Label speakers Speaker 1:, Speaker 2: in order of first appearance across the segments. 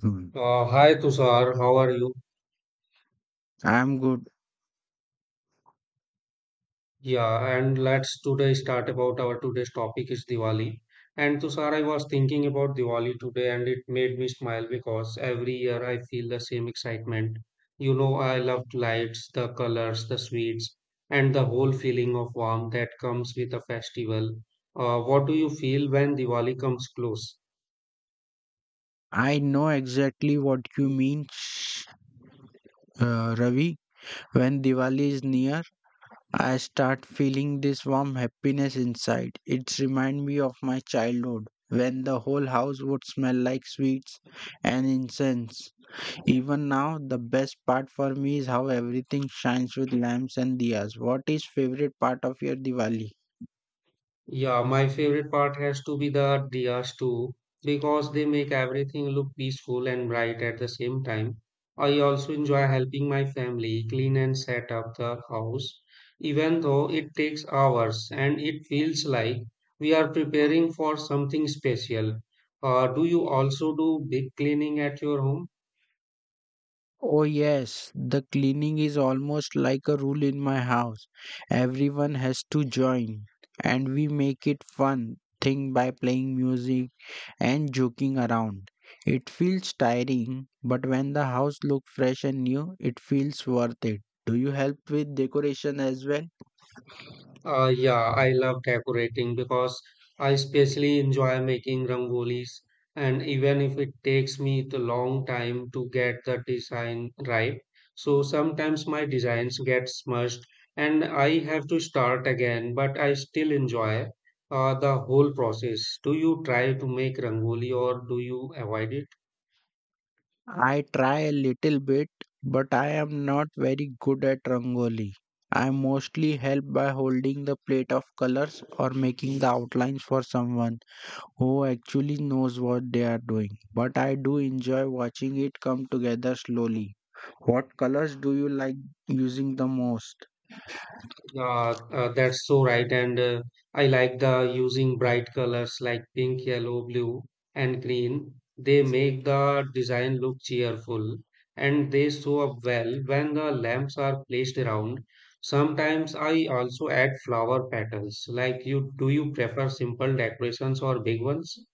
Speaker 1: Hmm.
Speaker 2: Hi Tushar, how are you?
Speaker 1: I'm good.
Speaker 2: Yeah, and let's today start about our today's topic is Diwali. And Tushar, I was thinking about Diwali today and it made me smile because every year I feel the same excitement. You know, I loved lights, the colors, the sweets, and the whole feeling of warmth that comes with a festival. What do you feel when Diwali comes close?
Speaker 1: I know exactly what you mean, Ravi. When Diwali is near, I start feeling this warm happiness inside. It reminds me of my childhood when the whole house would smell like sweets and incense. Even now, the best part for me is how everything shines with lamps and diyas. What is favorite part of your Diwali?
Speaker 2: Yeah, my favorite part has to be the diyas too, because they make everything look peaceful and bright at the same time. I also enjoy helping my family clean and set up the house, even though it takes hours and it feels like we are preparing for something special. Do you also do big cleaning at your home?
Speaker 1: Oh, yes, the cleaning is almost like a rule in my house. Everyone has to join, and we make it fun thing by playing music and joking around. It feels tiring, but when the house looks fresh and new, it feels worth it. Do you help with decoration as well?
Speaker 2: Yeah, I love decorating because I especially enjoy making rangolis, and even if it takes me the long time to get the design right, so sometimes my designs get smudged and I have to start again, but I still enjoy the whole process. Do you try to make rangoli or do you avoid it?
Speaker 1: I try a little bit, but I am not very good at rangoli. I mostly help by holding the plate of colors or making the outlines for someone who actually knows what they are doing. But I do enjoy watching it come together slowly. What colors do you like using the most?
Speaker 2: Yeah, that's so right. And I like the using bright colors like pink, yellow, blue, and green. They make the design look cheerful and they show up well when the lamps are placed around. Sometimes I also add flower petals. Like you, do you prefer simple decorations or big ones?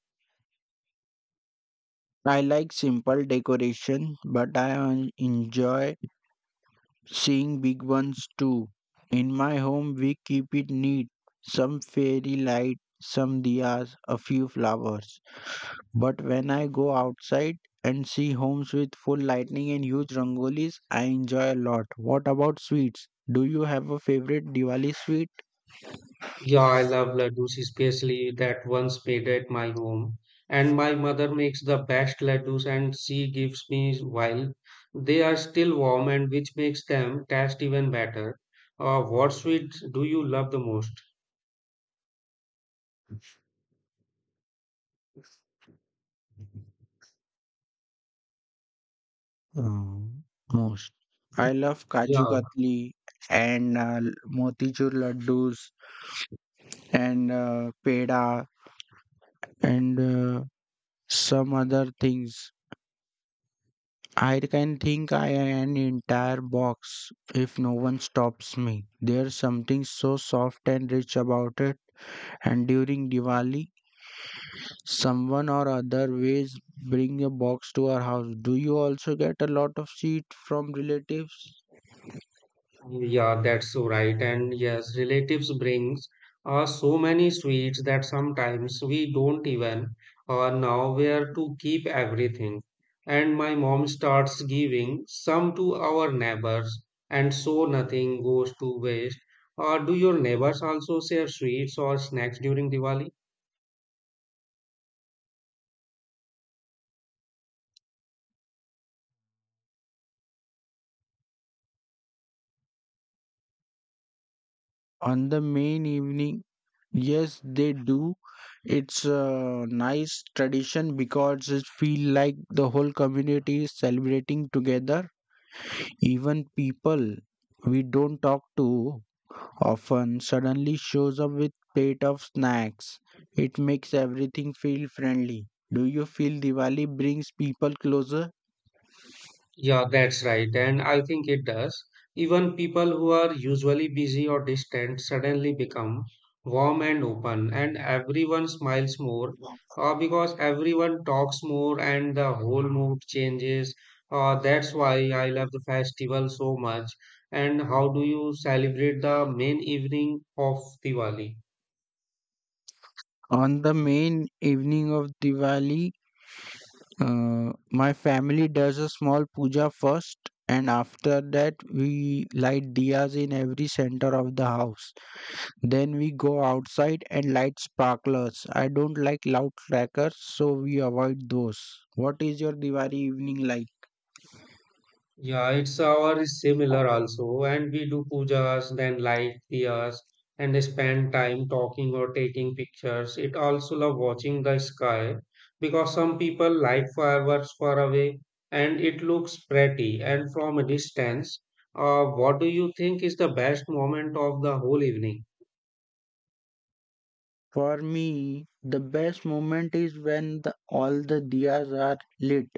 Speaker 1: I like simple decoration, but I enjoy seeing big ones too. In my home, we keep it neat, some fairy light, some diyas, a few flowers. But when I go outside and see homes with full lighting and huge rangolis, I enjoy a lot. What about sweets? Do you have a favorite Diwali sweet?
Speaker 2: Yeah, I love laddus, especially that once made at my home. And my mother makes the best laddus and she gives me while they are still warm and which makes them taste even better. What sweet do you love the most?
Speaker 1: Um, most. I love Kaju
Speaker 2: Yeah,
Speaker 1: Katli and Motichur Laddus and Peda and some other things. I can think I an entire box if no one stops me. There's something so soft and rich about it. And during Diwali, someone or other ways bring a box to our house. Do you also get a lot of seed from relatives
Speaker 2: Yeah, that's so right. And yes, relatives brings so many sweets that sometimes we don't even know where to keep everything. And my mom starts giving some to our neighbors, and so nothing goes to waste. Do your neighbors also share sweets or snacks during Diwali?
Speaker 1: on the main evening? Yes, they do. It's a nice tradition because it feel like the whole community is celebrating together. Even people we don't talk to often suddenly shows up with plate of snacks. It makes everything feel friendly. Do you feel Diwali brings people closer?
Speaker 2: Yeah, that's right. And I think it does. Even people who are usually busy or distant suddenly become warm and open, and everyone smiles more because everyone talks more and the whole mood changes. That's why I love the festival so much. And how do you celebrate the main evening of Diwali?
Speaker 1: On the main evening of Diwali, my family does a small puja first, and after that, we light diyas in every center of the house. Then we go outside and light sparklers. I don't like loud crackers, so we avoid those. What is your Diwali evening like?
Speaker 2: Yeah, it's our is similar also, and we do pujas, then light diyas, and spend time talking or taking pictures. It also love watching the sky because some people like fireworks far away, and it looks pretty and from a distance. What do you think is the best moment of the whole evening?
Speaker 1: For me, the best moment is when all the diyas are lit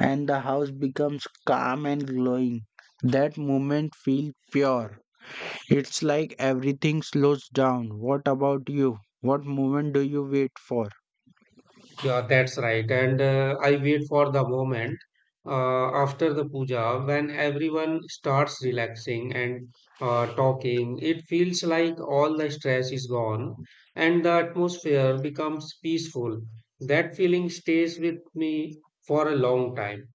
Speaker 1: and the house becomes calm and glowing. That moment feels pure. It's like everything slows down. What about you? What moment do you wait for?
Speaker 2: Yeah, that's right. And I wait for the moment after the puja when everyone starts relaxing and talking. It feels like all the stress is gone and the atmosphere becomes peaceful. That feeling stays with me for a long time.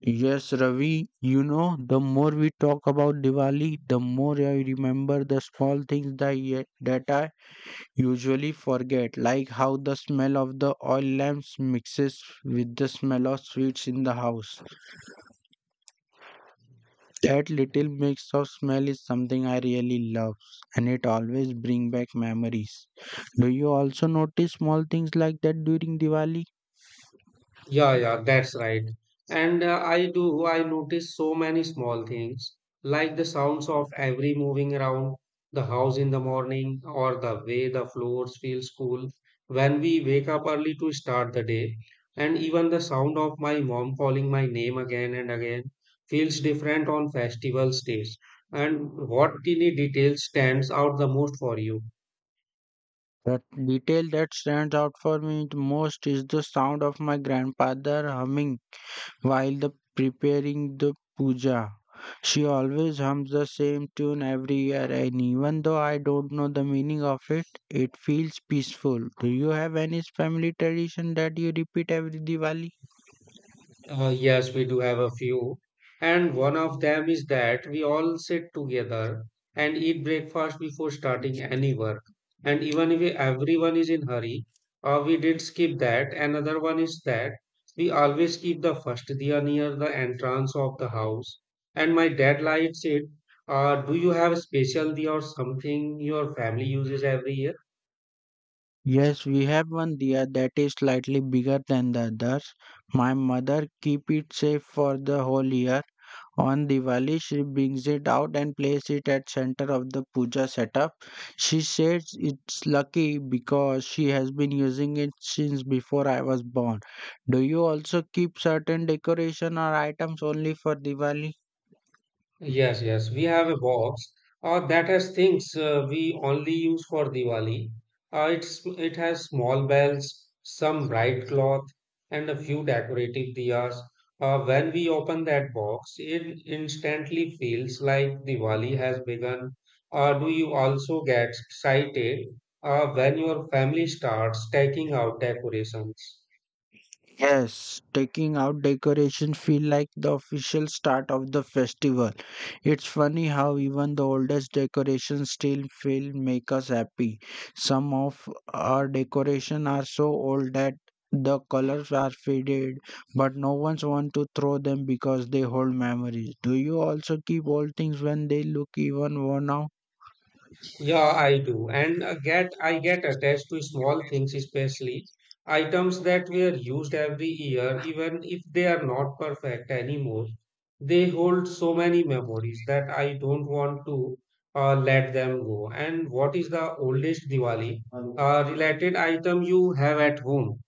Speaker 1: Yes, Ravi, you know, the more we talk about Diwali, the more I remember the small things that I usually forget, like how the smell of the oil lamps mixes with the smell of sweets in the house. That little mix of smell is something I really love, and it always brings back memories. Do you also notice small things like that during Diwali?
Speaker 2: Yeah, that's right. And I do, I notice so many small things, like the sounds of every moving around the house in the morning or the way the floors feel cool when we wake up early to start the day. And even the sound of my mom calling my name again and again feels different on festival days. And what tiny detail stands out the most for you?
Speaker 1: The detail that stands out for me the most is the sound of my grandfather humming while the preparing the puja. She always hums the same tune every year, and even though I don't know the meaning of it, it feels peaceful. Do you have any family tradition that you repeat every Diwali?
Speaker 2: Yes, we do have a few. And one of them is that we all sit together and eat breakfast before starting any work. And even if everyone is in hurry, we did skip that. Another one is that we always keep the first diya near the entrance of the house. And my dad likes it. Do you have a special diya or something your family uses every year?
Speaker 1: Yes, we have one diya that is slightly bigger than the others. My mother keep it safe for the whole year. On Diwali, she brings it out and places it at center of the puja setup. She says it's lucky because she has been using it since before I was born. Do you also keep certain decoration or items only for Diwali?
Speaker 2: Yes, we have a box that has things we only use for Diwali. It has small bells, some bright cloth, and a few decorative diyas. When we open that box, it instantly feels like Diwali has begun. Do you also get excited when your family starts taking out decorations?
Speaker 1: Yes, taking out decoration feel like the official start of the festival. It's funny how even the oldest decorations still feel make us happy. Some of our decoration are so old that the colors are faded, but no one's want to throw them because they hold memories. Do you also keep old things when they look even worn out?
Speaker 2: Yeah, I do. And get I get attached to small things, especially items that were used every year, even if they are not perfect anymore. They hold so many memories that I don't want to let them go. And what is the oldest Diwali related item you have at home?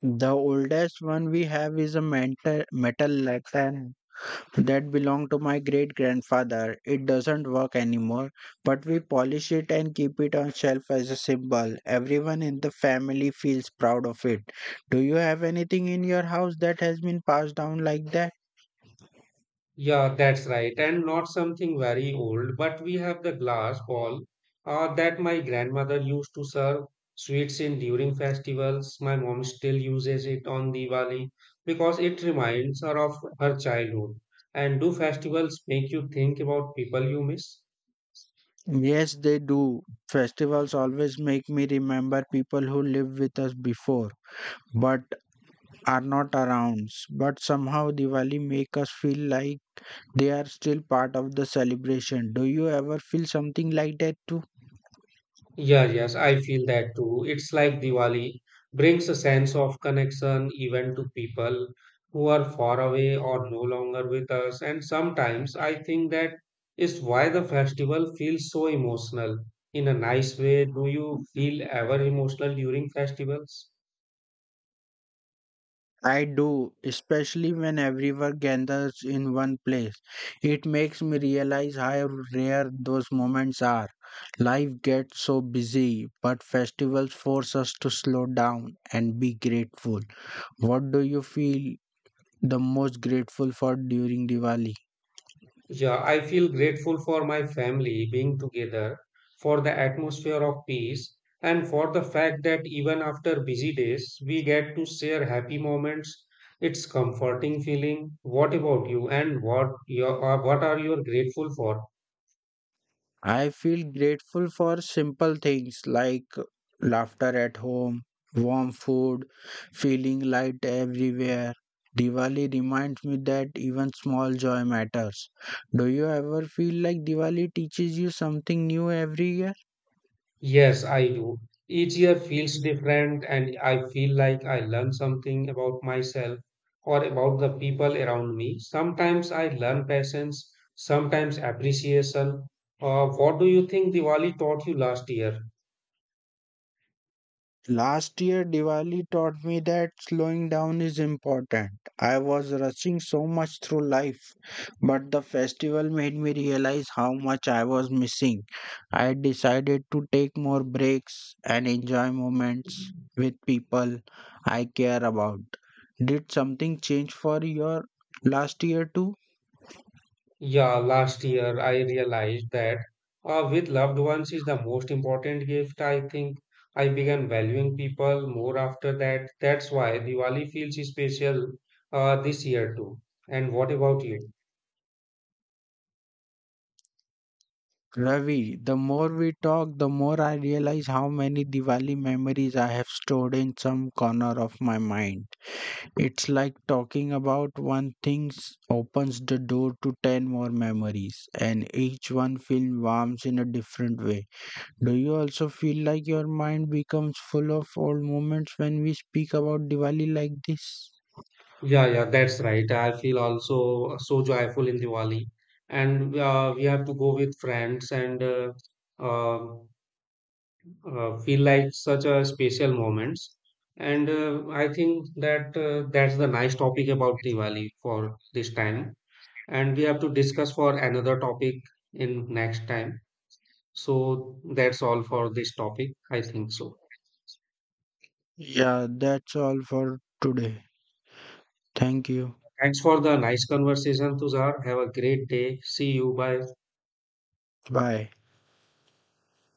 Speaker 1: The oldest one we have is a metal lantern that belonged to my great grandfather. It doesn't work anymore, but we polish it and keep it on shelf as a symbol. Everyone in the family feels proud of it. Do you have anything in your house that has been passed down like that?
Speaker 2: Yeah, that's right. And not something very old, but we have the glass bowl that my grandmother used to serve sweets in during festivals. My mom still uses it on Diwali because it reminds her of her childhood. And do festivals make you think about people you miss?
Speaker 1: Yes, they do. Festivals always make me remember people who lived with us before but are not around. But somehow Diwali make us feel like they are still part of the celebration. Do you ever feel something like that too?
Speaker 2: Yeah, yes, I feel that too. It's like Diwali brings a sense of connection even to people who are far away or no longer with us. And sometimes I think that is why the festival feels so emotional in a nice way. Do you feel ever emotional during festivals?
Speaker 1: I do, especially when everyone gathers in one place. It makes me realize how rare those moments are. Life gets so busy, but festivals force us to slow down and be grateful. What do you feel the most grateful for during Diwali?
Speaker 2: Yeah, I feel grateful for my family being together, for the atmosphere of peace, and for the fact that even after busy days, we get to share happy moments. It's comforting feeling. What about you? And what your, what are you grateful for?
Speaker 1: I feel grateful for simple things like laughter at home, warm food, feeling light everywhere. Diwali reminds me that even small joy matters. Do you ever feel like Diwali teaches you something new every year?
Speaker 2: Yes, I do. Each year feels different, and I feel like I learn something about myself or about the people around me. Sometimes I learn patience, sometimes appreciation. What do you think Diwali taught you last year?
Speaker 1: Last year, Diwali taught me that slowing down is important. I was rushing so much through life, but the festival made me realize how much I was missing. I decided to take more breaks and enjoy moments with people I care about. Did something change for your last year too?
Speaker 2: Yeah, last year I realized that with loved ones is the most important gift. I think I began valuing people more after that. That's why Diwali feels special this year too. And what about you?
Speaker 1: Ravi, the more we talk, the more I realize how many Diwali memories I have stored in some corner of my mind. It's like talking about opens the door to 10 more memories, and each one feels warm in a different way. Do you also feel like your mind becomes full of old moments when we speak about Diwali like this?
Speaker 2: Yeah, that's right. I feel also so joyful in Diwali, and we have to go with friends and uh, feel like such a special moments. And I think that that's the nice topic about Diwali for this time. And we have to discuss for another topic in next time. So that's all for this topic. I think so.
Speaker 1: Yeah, that's all for today. Thank you.
Speaker 2: Thanks for the nice conversation, Tuzar. Have a great day. See you. Bye.
Speaker 1: Bye.